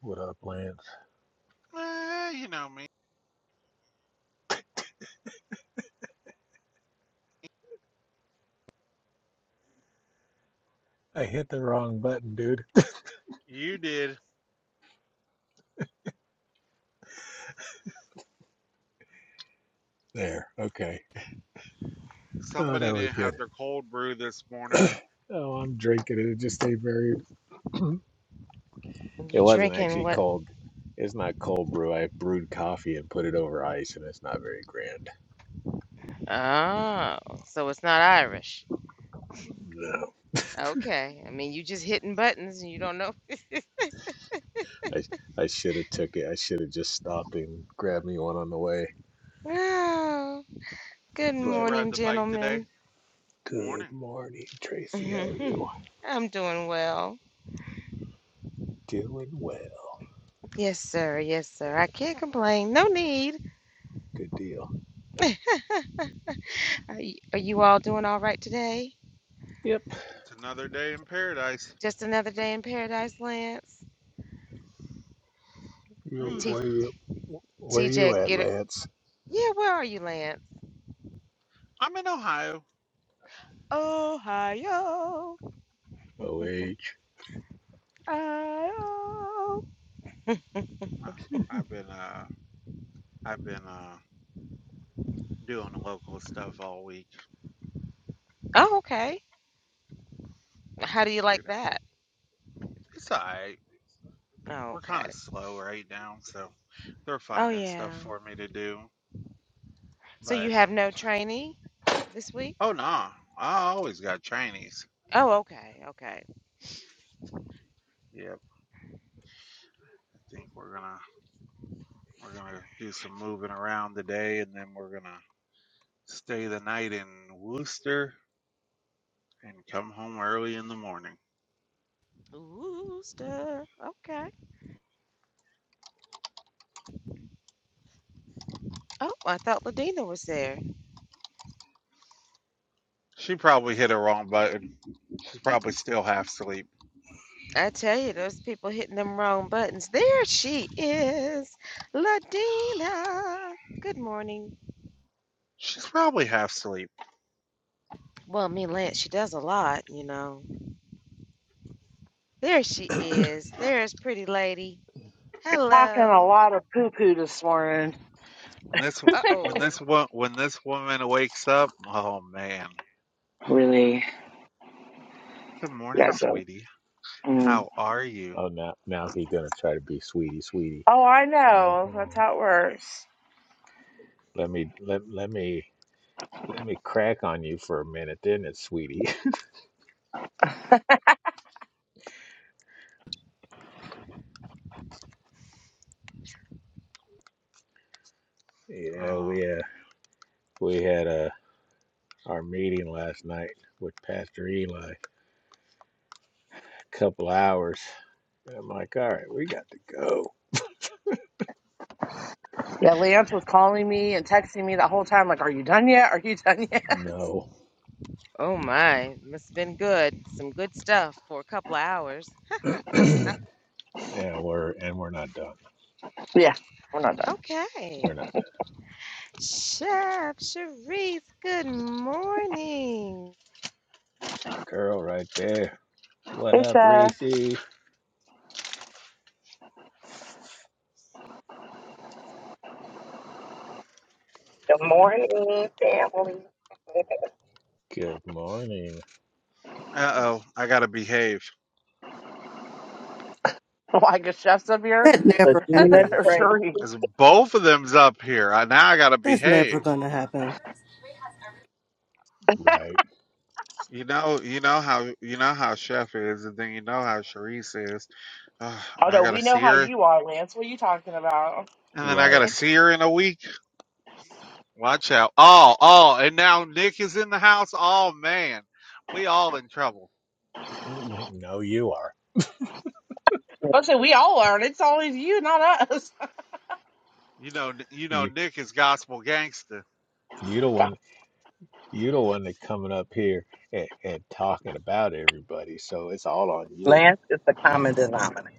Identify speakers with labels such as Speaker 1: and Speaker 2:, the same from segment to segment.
Speaker 1: What up, Lance?
Speaker 2: Eh, you know me.
Speaker 1: I hit the wrong button, dude.
Speaker 2: You did.
Speaker 1: There. Okay. Oh,
Speaker 2: Somebody
Speaker 1: that was
Speaker 2: didn't
Speaker 1: good.
Speaker 2: have their cold brew this morning.
Speaker 1: Oh, I'm drinking it. It just stayed very. it
Speaker 3: You
Speaker 1: wasn't
Speaker 3: drinking
Speaker 1: actually
Speaker 3: what?
Speaker 1: cold. It's not cold brew. I brewed coffee and put it over ice, and it's not very grand.
Speaker 3: Oh, so it's not Irish.
Speaker 1: No,
Speaker 3: Okay. I mean, you just hitting buttons and you don't know.
Speaker 1: I I should have took it. I should have just stopped and grabbed me one on the way.
Speaker 3: Oh, good
Speaker 2: Did you
Speaker 1: But
Speaker 2: ride
Speaker 3: morning,
Speaker 2: the bike today?
Speaker 3: gentlemen.
Speaker 1: good
Speaker 2: Morning.
Speaker 1: morning, Tracy. How are you?
Speaker 3: I'm doing well.
Speaker 1: Doing well.
Speaker 3: Yes, sir. Yes, sir. I can't complain. No need.
Speaker 1: Good deal.
Speaker 3: Are you, are you all doing all right today?
Speaker 1: Yep.
Speaker 2: It's another day in paradise.
Speaker 3: Just another day in paradise, Lance. And
Speaker 1: You
Speaker 3: T,
Speaker 1: where you where you
Speaker 3: TJ,
Speaker 1: at,
Speaker 3: get it.
Speaker 1: Lance?
Speaker 3: Yeah, where are you, Lance?
Speaker 2: I'm in Ohio.
Speaker 3: Ohio.
Speaker 1: Oh wait.
Speaker 3: Ohio.
Speaker 2: Uh, I've been uh I've been uh doing local stuff all week.
Speaker 3: Oh, okay. How do you like
Speaker 2: Shoot. uh,
Speaker 3: that?
Speaker 2: It's alright.
Speaker 3: Oh,
Speaker 2: We're kind
Speaker 3: okay.
Speaker 2: of slow right now, so they're
Speaker 3: Oh,
Speaker 2: finding stuff
Speaker 3: yeah.
Speaker 2: for me to do.
Speaker 3: So you
Speaker 2: But
Speaker 3: have no trainee this week?
Speaker 2: oh no, nah, I always got Chinese.
Speaker 3: Oh, okay. Okay.
Speaker 2: Yep. I think we're gonna we're gonna do some moving around today and then we're gonna stay the night in Worcester and come home early in the morning.
Speaker 3: Ooh, stuff. Okay. Oh, I thought Ladina was there.
Speaker 2: She probably hit a wrong button. She's probably still half asleep.
Speaker 3: I tell you, those people hitting them wrong buttons. There she is, Ladina. Good morning.
Speaker 2: She's probably half asleep.
Speaker 3: Well, me and Lance, she does a lot, you know. There she is. There's pretty lady.
Speaker 4: talking a
Speaker 3: Hello.
Speaker 4: lot of poo poo this morning.
Speaker 2: When this
Speaker 3: Uh
Speaker 2: when
Speaker 3: oh.
Speaker 2: this wo- when this woman wakes up, oh man.
Speaker 4: Really?
Speaker 2: Good
Speaker 4: Yeah,
Speaker 2: morning,
Speaker 4: Joe.
Speaker 2: sweetie.
Speaker 4: Mm.
Speaker 2: How are you?
Speaker 1: Oh, now now he's gonna try to be sweetie, sweetie.
Speaker 4: Oh, I know.
Speaker 1: hmm
Speaker 4: That's how it works.
Speaker 1: Let me let let me let me crack on you for a minute, didn't it, sweetie? yeah,
Speaker 2: Um
Speaker 1: we uh, we had uh, our meeting last night with Pastor Eli. A couple hours. I'm like, all right, we got to go.
Speaker 4: Yeah, Lance was calling me and texting me the whole time, like, "Are you done yet? Are you done yet?"
Speaker 1: No,
Speaker 3: Oh my, must have been good. Some good stuff for a couple of hours.
Speaker 1: yeah, we're and we're not done.
Speaker 4: yeah, we're not done.
Speaker 1: We're
Speaker 3: Okay.
Speaker 1: not done.
Speaker 3: Chef Cherise, good morning.
Speaker 1: That's my girl right there. What
Speaker 4: Hey,
Speaker 1: up,
Speaker 4: chef.
Speaker 1: Reese?
Speaker 5: Good morning, family.
Speaker 1: Good morning.
Speaker 2: uh oh, I gotta behave.
Speaker 4: Why, because chef's up here
Speaker 6: That never
Speaker 5: Regina,
Speaker 4: or
Speaker 6: happens.
Speaker 5: Tracy.
Speaker 4: Sheree.
Speaker 2: Cause both of them's up here. I, now I gotta
Speaker 6: That's never
Speaker 2: behave.
Speaker 6: gonna happen.
Speaker 1: Right,
Speaker 2: You know, you know how you know how Chef is, and then you know how Sharice is. Ugh,
Speaker 4: Oh
Speaker 2: and I
Speaker 4: no,
Speaker 2: gotta
Speaker 4: we know
Speaker 2: see
Speaker 4: how
Speaker 2: her.
Speaker 4: you are, Lance. What are you talking about?
Speaker 2: And then I
Speaker 1: right.
Speaker 2: gotta see her in a week. Watch out. Oh, oh, and now Nick is in the house. Oh man. We all in trouble.
Speaker 1: Mm, No, you are.
Speaker 5: and
Speaker 4: Listen, we all are, and it's always you, not us.
Speaker 2: You know you know
Speaker 1: You
Speaker 2: Nick is gospel gangster.
Speaker 1: you the one. You're the one that coming up here and, and talking about everybody, so it's all on you.
Speaker 5: Lance is the common denominator.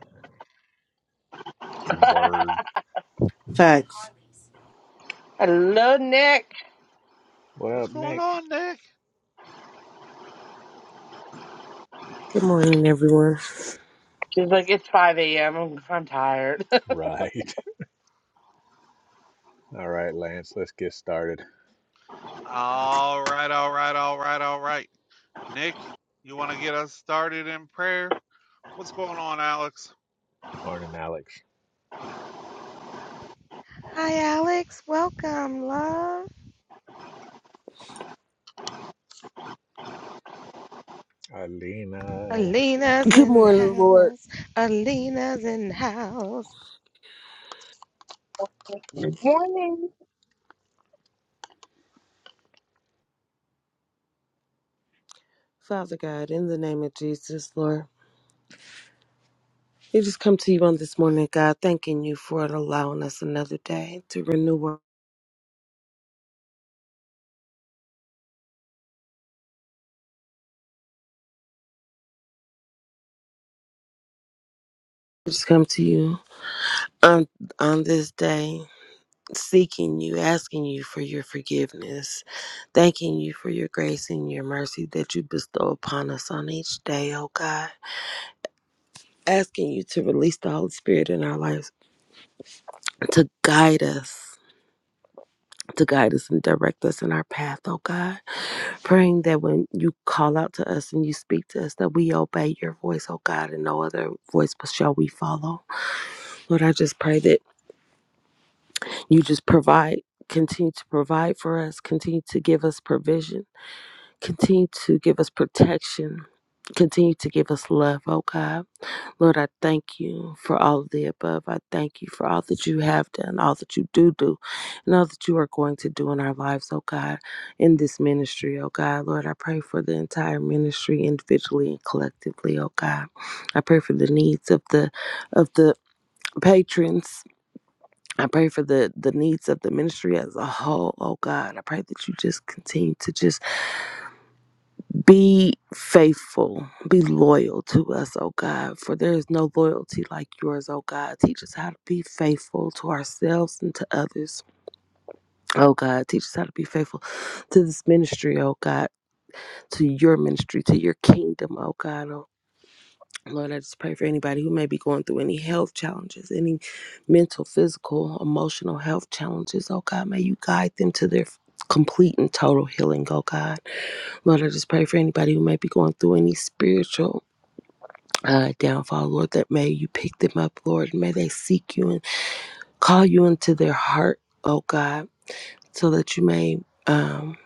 Speaker 1: Word.
Speaker 6: Facts.
Speaker 4: Hello, Nick.
Speaker 1: What
Speaker 2: What's
Speaker 1: up,
Speaker 2: going
Speaker 1: Nick?
Speaker 2: on, Nick?
Speaker 7: Good morning, everyone.
Speaker 4: She's like, it's 5 a.m. am I'm I'm tired. oh,
Speaker 1: Right. All right, Lance, let's get started.
Speaker 2: All right, all right, all right, all right. Nick, you wanna get us started in prayer? What's going on, Alex?
Speaker 1: Morning, Alex.
Speaker 3: Hi, Alex. Welcome, love.
Speaker 1: Alina.
Speaker 3: Alina's
Speaker 7: Good
Speaker 3: in the
Speaker 7: morning, Lord.
Speaker 3: house. Alina's in the house.
Speaker 5: Good morning.
Speaker 7: Father God, in the name of Jesus, Lord, we just come to you on this morning, God, thanking you for allowing us another day to renew. our- We just come to you on on this day, seeking you, asking you for your forgiveness, thanking you for your grace and your mercy that you bestow upon us on each day, oh God. Asking you to release the Holy Spirit in our lives to guide us to guide us and direct us in our path, oh God. Praying that when you call out to us and you speak to us, that we obey your voice, oh God, and no other voice but shall we follow. Lord, I just pray that you just provide, continue to provide for us, continue to give us provision, continue to give us protection, continue to give us love, oh God. Lord, I thank you for all of the above. I thank you for all that you have done, all that you do do, and all that you are going to do in our lives, oh God, in this ministry, oh God. Lord, I pray for the entire ministry individually and collectively, oh God. I pray for the needs of the of the patrons. I pray for the the needs of the ministry as a whole, oh God. I pray that you just continue to just be faithful, be loyal to us, oh God, for there is no loyalty like yours, oh God. Teach us how to be faithful to ourselves and to others, oh God. Teach us how to be faithful to this ministry, oh God, to your ministry, to your kingdom, oh God. Oh, Lord, I just pray for anybody who may be going through any health challenges, any mental, physical, emotional health challenges, oh God. May you guide them to their complete and total healing, oh God. Lord, I just pray for anybody who may be going through any spiritual uh, downfall, Lord, that may you pick them up, Lord, and may they seek you and call you into their heart, oh God, so that you may um,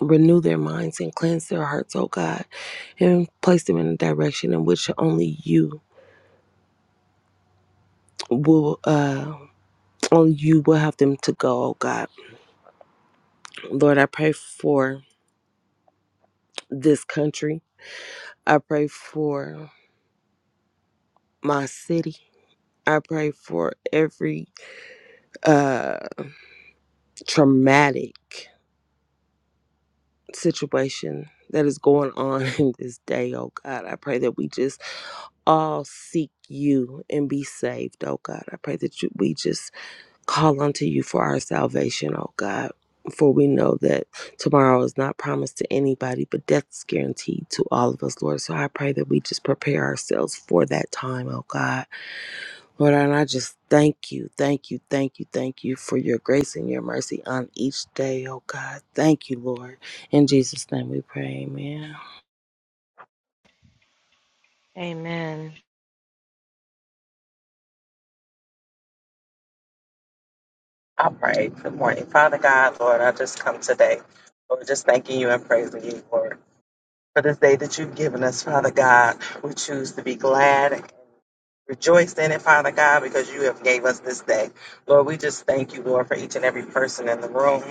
Speaker 7: renew their minds and cleanse their hearts, oh God, and place them in a direction in which only you will, uh, only you will have them to go, oh God. Lord, I pray for this country. I pray for my city. I pray for every uh, traumatic situation that is going on in this day, oh God. I pray that we just all seek you and be saved, oh God. I pray that you, we just call unto you for our salvation, oh God. For we know that tomorrow is not promised to anybody, but death's guaranteed to all of us, Lord. So I pray that we just prepare ourselves for that time, oh God. Lord, and I just thank you, thank you, thank you, thank you for your grace and your mercy on each day, oh God. Thank you, Lord. In Jesus' name we pray, amen.
Speaker 3: Amen.
Speaker 5: I pray. Good morning. Father God, Lord, I just come today. Lord, just thanking you and praising you, Lord, for this day that you've given us, Father God. We choose to be glad Rejoice in it, Father God, because you have gave us this day. Lord, we just thank you, Lord, for each and every person in the room.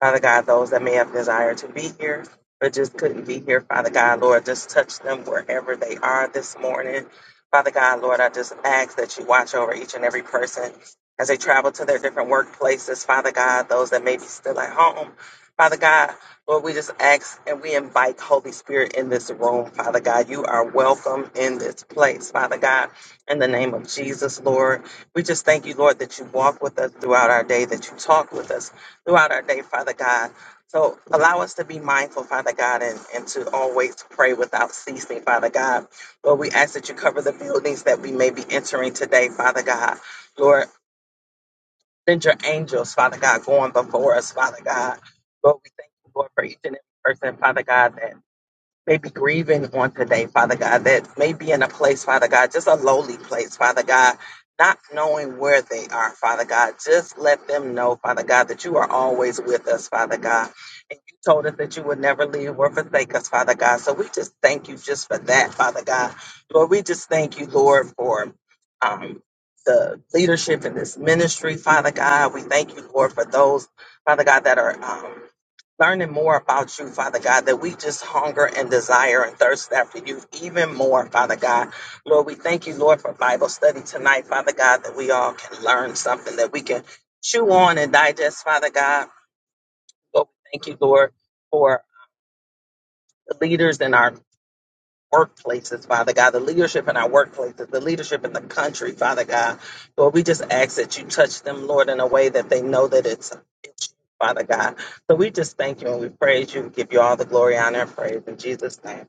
Speaker 5: Father God, those that may have desired to be here but just couldn't be here, Father God, Lord, just touch them wherever they are this morning. Father God, Lord, I just ask that you watch over each and every person as they travel to their different workplaces, Father God, those that may be still at home. Father God, Lord, we just ask and we invite Holy Spirit in this room, Father God. You are welcome in this place, Father God. In the name of Jesus, Lord, we just thank you, Lord, that you walk with us throughout our day, that you talk with us throughout our day, Father God. So allow us to be mindful, Father God, and, and to always pray without ceasing, Father God. Lord, we ask that you cover the buildings that we may be entering today, Father God. Lord, send your angels, Father God, going before us, Father God. Lord, we thank you, Lord, for each and every person, Father God, that may be grieving on today, Father God, that may be in a place, Father God, just a lowly place, Father God, not knowing where they are, Father God. Just let them know, Father God, that you are always with us, Father God. And you told us that you would never leave or forsake us, Father God. So we just thank you just for that, Father God. Lord, we just thank you, Lord, for um, the leadership in this ministry, Father God. We thank you, Lord, for those, Father God, that are. Um, learning more about you, Father God, that we just hunger and desire and thirst after you even more, Father God. Lord, we thank you, Lord, for Bible study tonight, Father God, that we all can learn something that we can chew on and digest, Father God. Lord, we thank you, Lord, for the leaders in our workplaces, Father God, the leadership in our workplaces, the leadership in the country, Father God. Lord, we just ask that you touch them, Lord, in a way that they know that it's, it's you, Father God. So we just thank you and we praise you. We give you all the glory, honor, and praise in Jesus' name.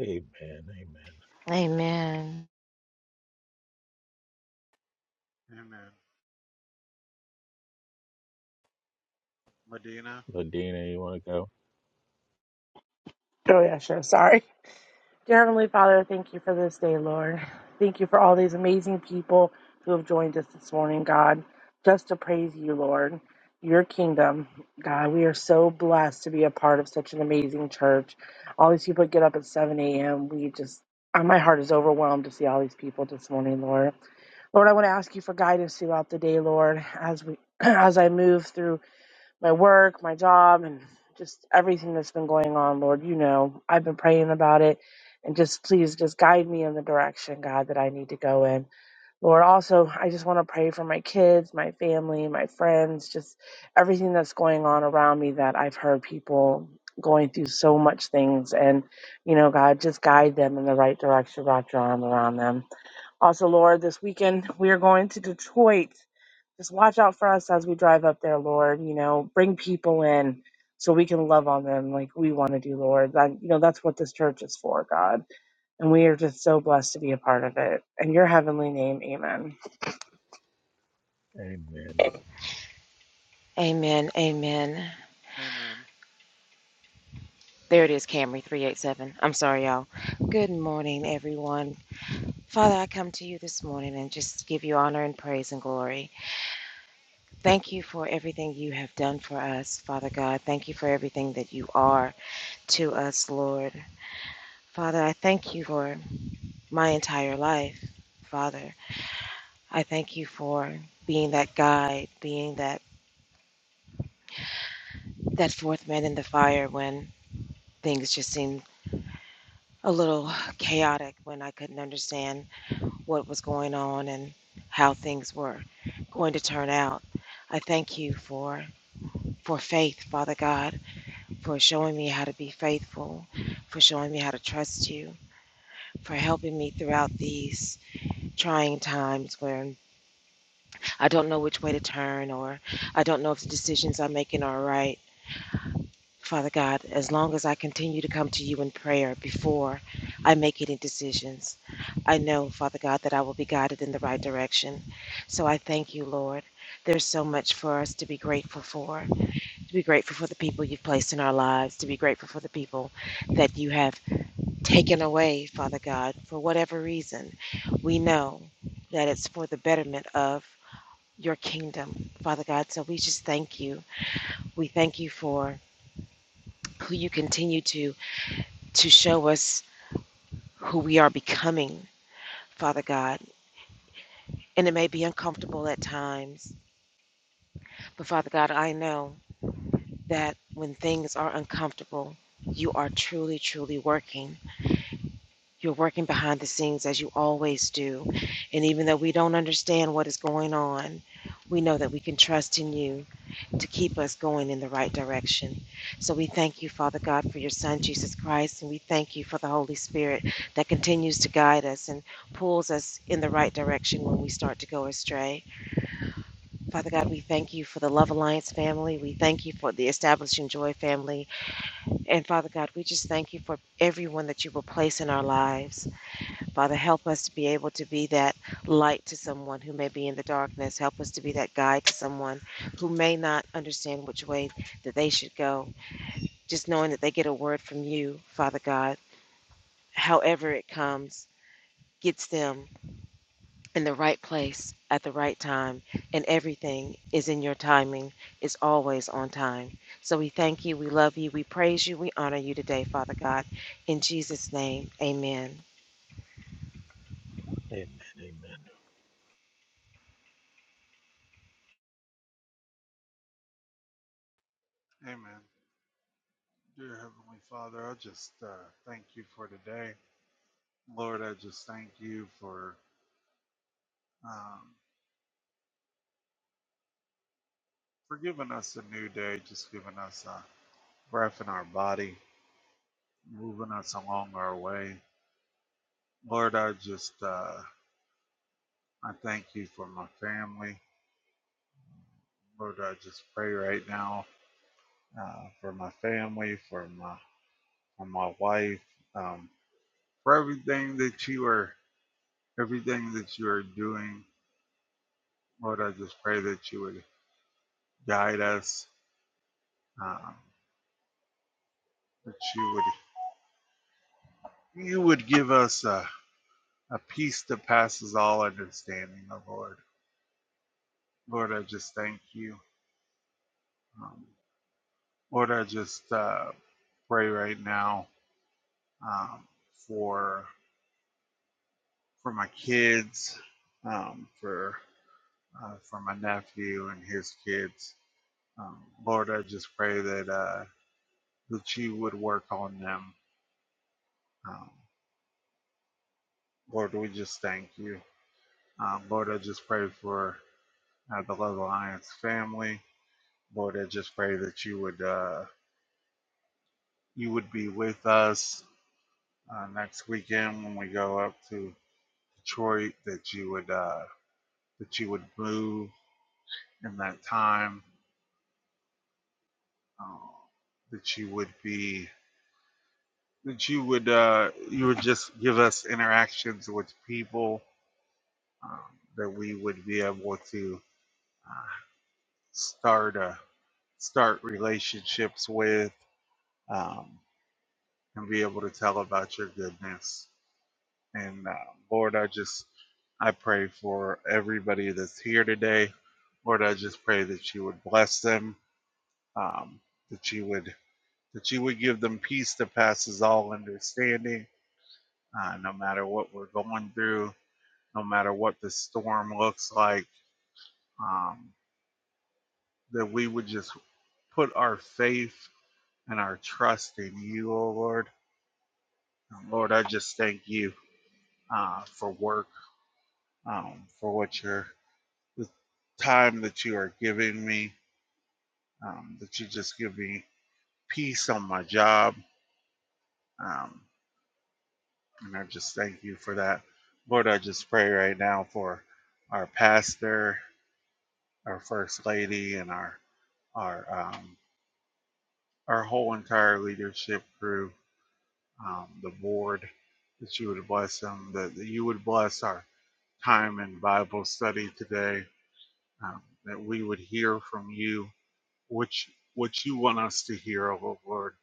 Speaker 1: Amen. Amen.
Speaker 3: Amen.
Speaker 2: Amen. Medina.
Speaker 1: Ladina, you want to go?
Speaker 4: yeah, sure. Sorry. Dear Heavenly Father, thank you for this day, Lord. Thank you for all these amazing people who have joined us this morning, God, just to praise you, Lord, your kingdom. God, we are so blessed to be a part of such an amazing church. All these people get up at 7 a.m. We just, uh, my heart is overwhelmed to see all these people this morning, Lord. Lord, I want to ask you for guidance throughout the day, Lord, as we. As I move through my work, my job, and just everything that's been going on, Lord. You know, I've been praying about it. And just please just guide me in the direction, God, that I need to go in. Lord, also, I just want to pray for my kids, my family, my friends, just everything that's going on around me that I've heard people going through so much things. And, you know, God, just guide them in the right direction. Wrap your arm around them. Also, Lord, this weekend we are going to Detroit just watch out for us as we drive up there, Lord. You know, bring people in so we can love on them like we want to do, Lord. That you know, that's what this church is for, God. And we are just so blessed to be a part of it. In your heavenly name, amen.
Speaker 1: Amen.
Speaker 5: Amen.
Speaker 3: Amen. Amen.
Speaker 2: Amen.
Speaker 3: There it is, Camry 387. I'm sorry, y'all. Good morning, everyone. Father, I come to you this morning and just give you honor and praise and glory. Thank you for everything you have done for us, Father God. Thank you for everything that you are. to us, Lord. Father, I thank you for my entire life. Father, I thank you for being that guide, being that, that fourth man in the fire when things just seemed a little chaotic, when I couldn't understand what was going on and how things were going to turn out. I thank you for for faith, Father God, for showing me how to be faithful, for showing me how to trust you, for helping me throughout these trying times where I don't know which way to turn, or I don't know if the decisions I'm making are right. Father God, as long as I continue to come to you in prayer before I make any decisions, I know, Father God, that I will be guided in the right direction. So I thank you, Lord. There's so much for us to be grateful for, to be grateful for the people you've placed in our lives, to be grateful for the people that you have taken away, Father God, for whatever reason. We know that it's for the betterment of your kingdom, Father God. So we just thank you. We thank you for who you continue to to show us who we are becoming, Father God. And it may be uncomfortable at times, but Father God, I know that when things are uncomfortable, you are truly, truly working. You're working behind the scenes as you always do. And even though we don't understand what is going on, we know that we can trust in you to keep us going in the right direction. So we thank you, Father God, for your Son, Jesus Christ. And we thank you for the Holy Spirit that continues to guide us and pulls us in the right direction when we start to go astray. Father God, we thank you for the Love Alliance family. We thank you for the Establishing Joy family. And Father God, we just thank you for everyone that you will place in our lives. Father, help us to be able to be that light to someone who may be in the darkness. Help us to be that guide to someone who may not understand which way that they should go. Just knowing that they get a word from you, Father God, however it comes, gets them in the right place at the right time. And everything is in your timing, is always on time. So we thank you, we love you, we praise you, we honor you today, Father God. In Jesus' name, amen.
Speaker 1: Amen. Amen.
Speaker 2: Amen. Dear Heavenly Father, I just uh, thank you for today. Lord, I just thank you for um, for giving us a new day, just giving us a breath in our body, moving us along our way. Lord, I just uh, I thank you for my family. Lord, I just pray right now uh, for my family, for my for my wife, um, for everything that you are everything that you are doing. Lord, I just pray that you would guide us, um, that you would you would give us a, a peace that passes all understanding, oh Lord. Lord, I just thank you. Um, Lord, I just uh, pray right now um, for for my kids, um, for uh, for my nephew and his kids. Um, Lord, I just pray that uh, that you would work on them. Um, Lord, we just thank you. Um, Lord, I just pray for uh, the Love Alliance family. Lord, I just pray that you would uh, you would be with us. uh, next weekend when we go up to Detroit that you would uh, that you would move in that time uh, that you would be that you would uh, you would just give us interactions with people um, that we would be able to uh, start a start relationships with um, and be able to tell about your goodness And uh, Lord, I just I pray for everybody that's here today. Lord, I just pray that you would bless them, um, that you would that you would give them peace that passes all understanding, uh, no matter what we're going through, no matter what the storm looks like. Um, that we would just put our faith and our trust in you, oh Lord. And Lord, I just thank you uh, for work, um, for what you're the time that you are giving me, um, that you just give me peace on my job. Um, and I just thank you for that. Lord, I just pray right now for our pastor, our first lady, and our our um, our whole entire leadership crew, um, the board, that you would bless them, that, that you would bless our time in Bible study today, um, that we would hear from you, which what you want us to hear, oh Lord,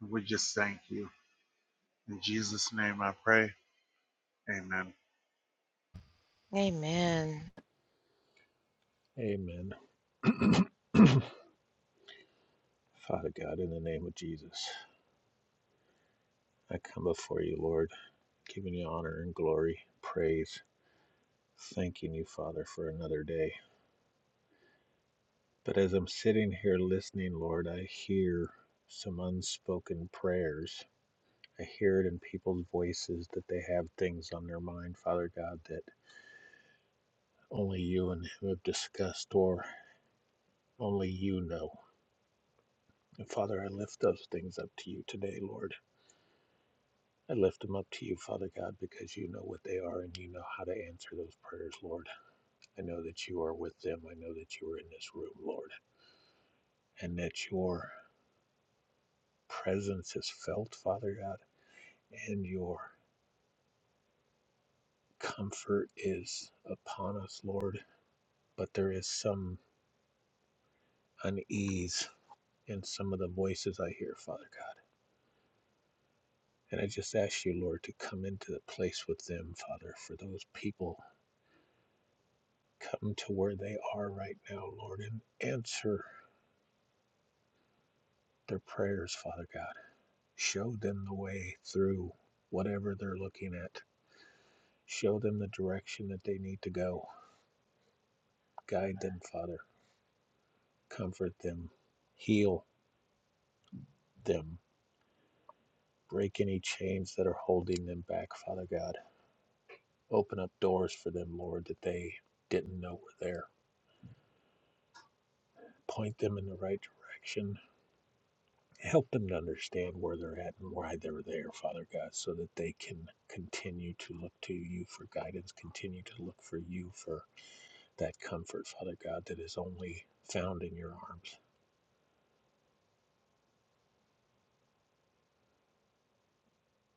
Speaker 2: And we just thank you. In Jesus' name I pray. Amen.
Speaker 3: Amen.
Speaker 1: Amen. Father God, in the name of Jesus, I come before you, Lord, giving you honor and glory, praise, thanking you, Father, for another day. But as I'm sitting here listening, Lord, I hear some unspoken prayers. I hear it in people's voices that they have things on their mind, Father God, that only you and Him have discussed or only you know. And Father, I lift those things up to you today, Lord. I lift them up to you, Father God, because you know what they are and you know how to answer those prayers, Lord. I know that you are with them. I know that you are in this room, Lord, and that your presence is felt, Father God, and your comfort is upon us, Lord, but there is some unease in some of the voices I hear, Father God. And I just ask you, Lord, to come into the place with them, Father, for those people come to where they are right now, Lord, and answer their prayers, Father God. Show them the way through whatever they're looking at. Show them the direction that they need to go. Guide them, Father. Comfort them. Heal them Break any chains that are holding them back, Father God. Open up doors for them, Lord, that they didn't know were there. Point them in the right direction. Help them to understand where they're at and why they're there, Father God, so that they can continue to look to you for guidance, continue to look for you for that comfort, Father God, that is only found in your arms.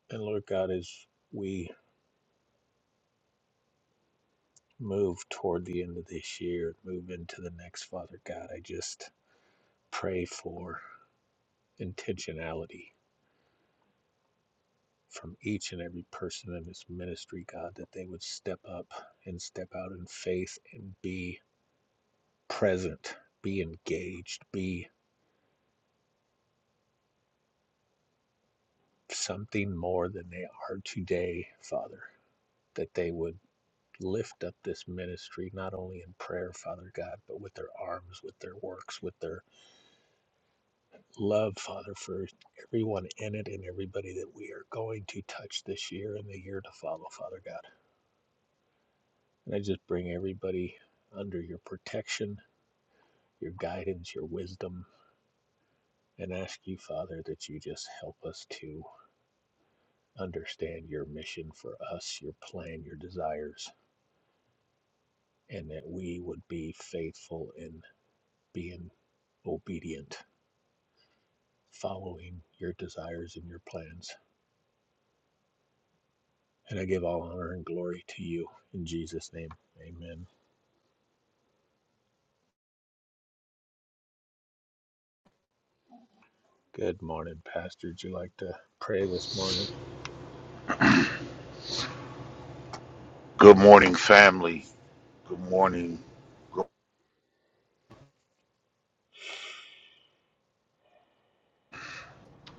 Speaker 1: And Lord God, as we move toward the end of this year, move into the next, Father God, I just pray for. intentionality from each and every person in this ministry, God, that they would step up and step out in faith and be present, be engaged, be something more than they are today, Father, that they would lift up this ministry not only in prayer father god but with their arms with their works with their love father for everyone in it and everybody that we are going to touch this year and the year to follow father god And I just bring everybody under your protection, your guidance, your wisdom, and ask you, Father, that you just help us to understand your mission for us, your plan, your desires, and that we would be faithful in being obedient, following your desires and your plans. And I give all honor and glory to you in Jesus' name. Amen. Good morning, Pastor. Would you like to pray this morning?
Speaker 8: Good morning, family. Good morning. Good-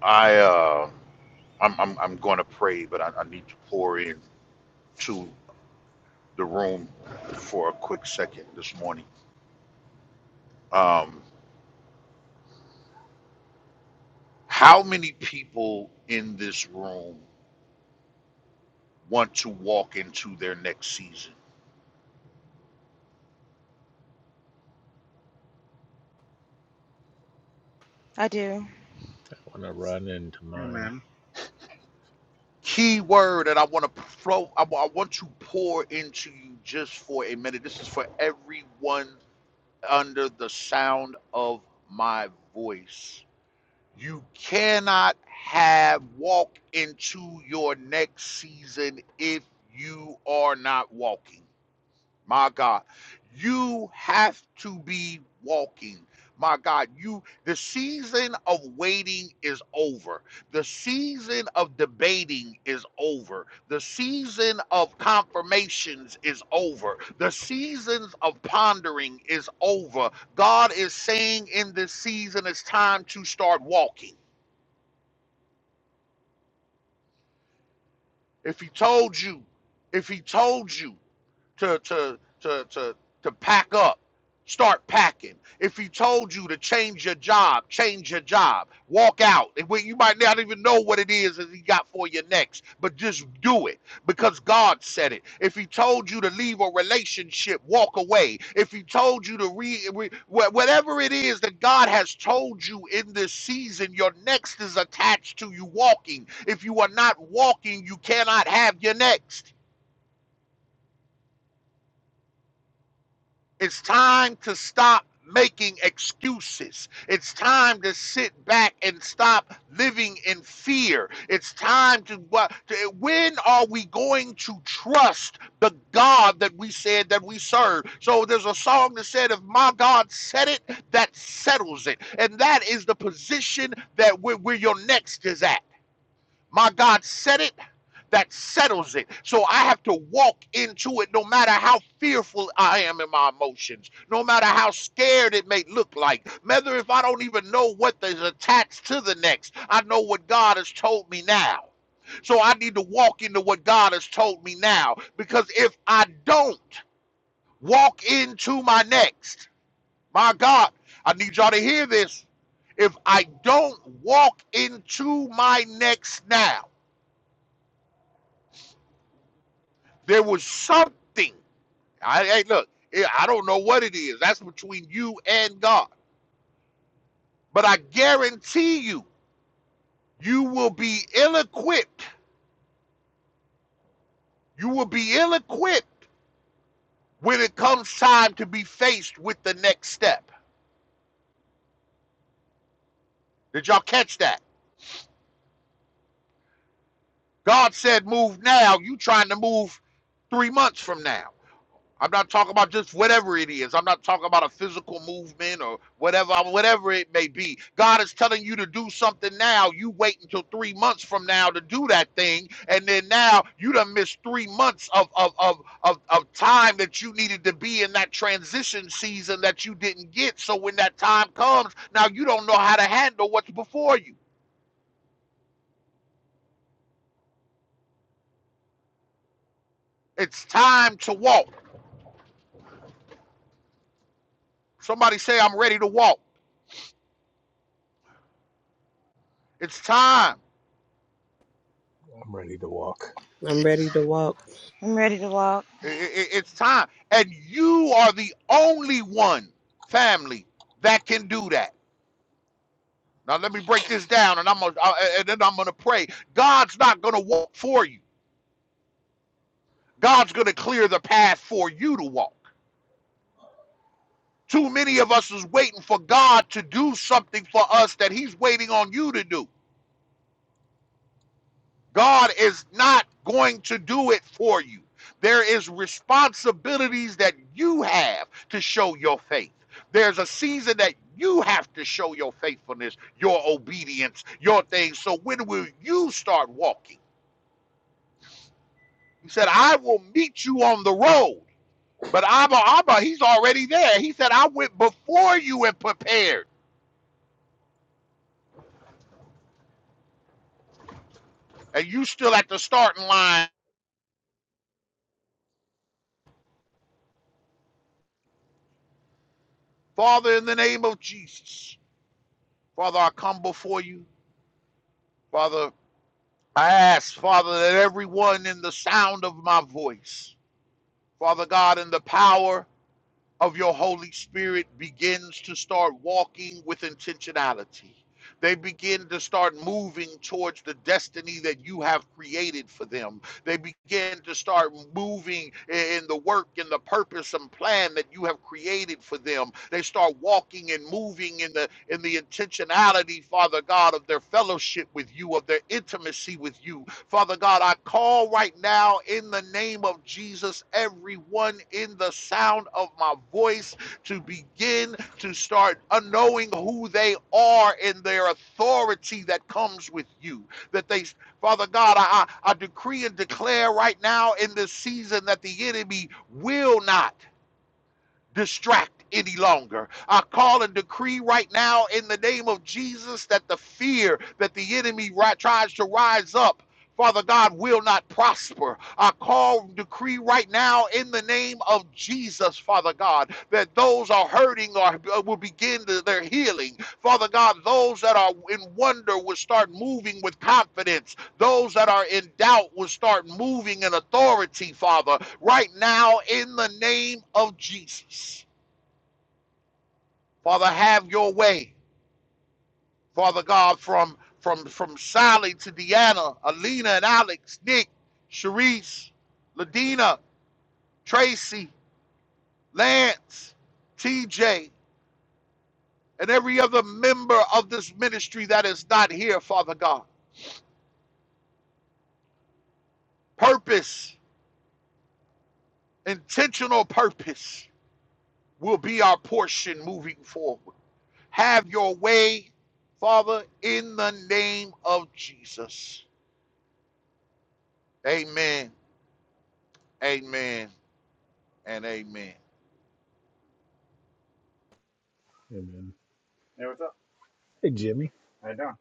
Speaker 8: I uh, I'm I'm, I'm going to pray, but I, I need to pour in to the room for a quick second this morning. Um, how many people in this room want to walk into their next season?
Speaker 3: I do.
Speaker 1: I want to run into mine.
Speaker 2: Amen.
Speaker 8: Key word that I want to flow. I, wa- I want to pour into you just for a minute. This is for everyone under the sound of my voice You cannot have walk into your next season if you are not walking. My God, you have to be walking. My God, you the season of waiting is over. The season of debating is over. The season of confirmations is over. The seasons of pondering is over. God is saying in this season it's time to start walking. If he told you, if he told you, to to to to to pack up. Start packing. If he told you to change your job, change your job. Walk out. And when- You might not even know what it is that he got for you next, but just do it because God said it. If he told you to leave a relationship, walk away. If he told you to re, re wha- whatever it is that God has told you in this season, your next is attached to you walking. If you are not walking, you cannot have your next. It's time to stop making excuses. It's time to sit back and stop living in fear. It's time to, wha- to when are we going to trust the God that we said that we serve? So there's a song that said, If my God said it, that settles it. And that is the position that where, where your next is at. My God said it, that settles it. So I have to walk into it no matter how fearful I am in my emotions, no matter how scared it may look like, whether if I don't even know what is attached to the next, I know what God has told me now. So I need to walk into what God has told me now because if I don't walk into my next, my God, I need y'all to hear this. If I don't walk into my next now, There was something. I hey, look, eh, I don't know what it is. That's between you and God. But I guarantee you, you will be ill-equipped. You will be ill-equipped when it comes time to be faced with the next step. Did y'all catch that? God said move now. You trying to move three months from now. I'm not talking about just whatever it is. I'm not talking about a physical movement or whatever, whatever it may be. God is telling you to do something now. You wait until three months from now to do that thing, and then now you done missed three months of of of of, of time that you needed to be in that transition season that you didn't get. So when that time comes, now you don't know how to handle what's before you. It's time to walk. Somebody say, "I'm ready to walk." It's time.
Speaker 1: I'm ready to walk.
Speaker 7: I'm ready to walk.
Speaker 3: I'm ready to walk.
Speaker 8: I- I- it's time. And you are the only one family that can do that. Now let me break this down and I'm gonna, uh, and then I'm going to pray. God's not going to walk for you. God's going to clear the path for you to walk. Too many of us is waiting for God to do something for us that he's waiting on you to do. God is not going to do it for you. There is responsibilities that you have to show your faith. There's a season that you have to show your faithfulness, your obedience, your things. So when will you start walking? He said, I will meet you on the road. But Abba, Abba, he's already there. He said, I went before you and prepared, and you still at the starting line. Father, in the name of Jesus, Father, I come before you. Father, I ask, Father, that everyone in the sound of my voice, Father God, in the power of your Holy Spirit, begins to start walking with intentionality. They begin to start moving towards the destiny that you have created for them. They begin to start moving in the work and the purpose and plan that you have created for them. They start walking and moving in the in the intentionality, Father God, of their fellowship with you, of their intimacy with you, Father God, I call right now in the name of Jesus, everyone in the sound of my voice to begin to start knowing who they are and their authority that comes with you. That they, Father God, I, I I decree and declare right now in this season that the enemy will not distract any longer. I call and decree right now in the name of Jesus that the fear that the enemy ri- tries to rise up. Father God will not prosper. I call and decree right now in the name of Jesus, Father God, that those are hurting are, will begin to, their healing. Father God, those that are in wonder will start moving with confidence those that are in doubt will start moving in authority, Father, right now in the name of Jesus. Father, have your way, Father God, from from from Sally to Deanna, Alina and Alex, Nick, Sharice, Ladina, Tracy, Lance, TJ, and every other member of this ministry that is not here, Father God. Purpose, intentional purpose will be our portion moving forward. Have your way, Father, in the name of Jesus. Amen, amen, and amen.
Speaker 1: Amen. Hey, what's up? Hey, Jimmy. How you doing?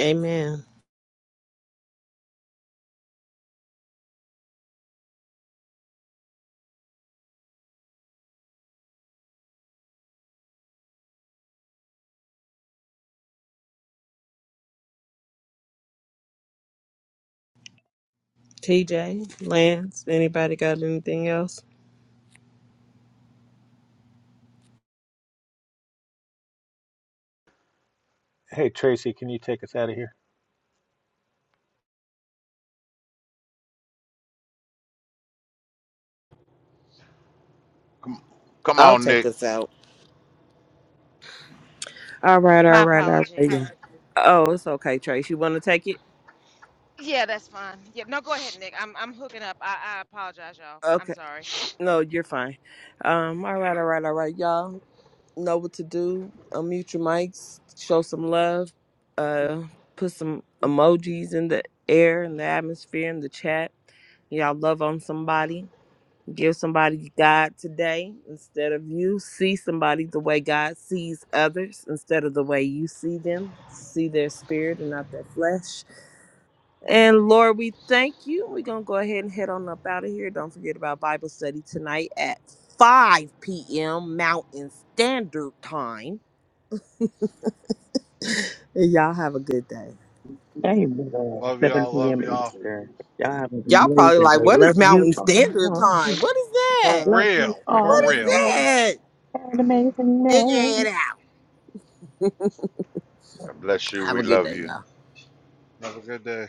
Speaker 7: Amen. TJ, Lance, anybody got anything else?
Speaker 1: Hey, Tracy, can you take us out of here?
Speaker 8: Come, come
Speaker 7: I'll
Speaker 8: on,
Speaker 7: take
Speaker 8: Nick.
Speaker 7: us out. All right,
Speaker 3: My
Speaker 7: all right, all right.
Speaker 3: apologies.
Speaker 7: Oh, it's okay, Trace. You want to take it?
Speaker 3: Yeah, that's fine. Yeah, no, go ahead, Nick. I'm I'm hooking up. I, I apologize, y'all. I'm
Speaker 7: Okay.
Speaker 3: sorry.
Speaker 7: No, you're fine. Um. All right. All right. All right, y'all. know what to do. Unmute your mics, show some love, uh, put some emojis in the air, in the atmosphere, in the chat. Y'all love on somebody. Give somebody God today instead of you. See somebody the way God sees others instead of the way you see them. See their spirit and not their flesh. And Lord, we thank you. We're going to go ahead and head on up out of here. Don't forget about Bible study tonight at 5 p.m. Mountain Standard Time. And y'all have a good day.
Speaker 5: Amen.
Speaker 2: Love
Speaker 5: 7
Speaker 2: y'all. Love
Speaker 5: p.m.
Speaker 2: y'all.
Speaker 5: Eastern. Y'all have an
Speaker 7: Y'all probably
Speaker 5: amazing
Speaker 7: like,
Speaker 5: day.
Speaker 7: what is
Speaker 5: Love you
Speaker 7: Mountain Standard
Speaker 5: all.
Speaker 7: Time? What is that?
Speaker 2: For
Speaker 5: Love you
Speaker 2: real.
Speaker 7: What
Speaker 2: For real.
Speaker 7: is
Speaker 5: all.
Speaker 7: that?
Speaker 5: Have an amazing
Speaker 7: Figure
Speaker 5: day.
Speaker 7: it out.
Speaker 8: God bless you.
Speaker 7: Have
Speaker 8: We
Speaker 7: a good
Speaker 8: love
Speaker 7: day,
Speaker 8: you.
Speaker 7: y'all.
Speaker 2: Have a good day.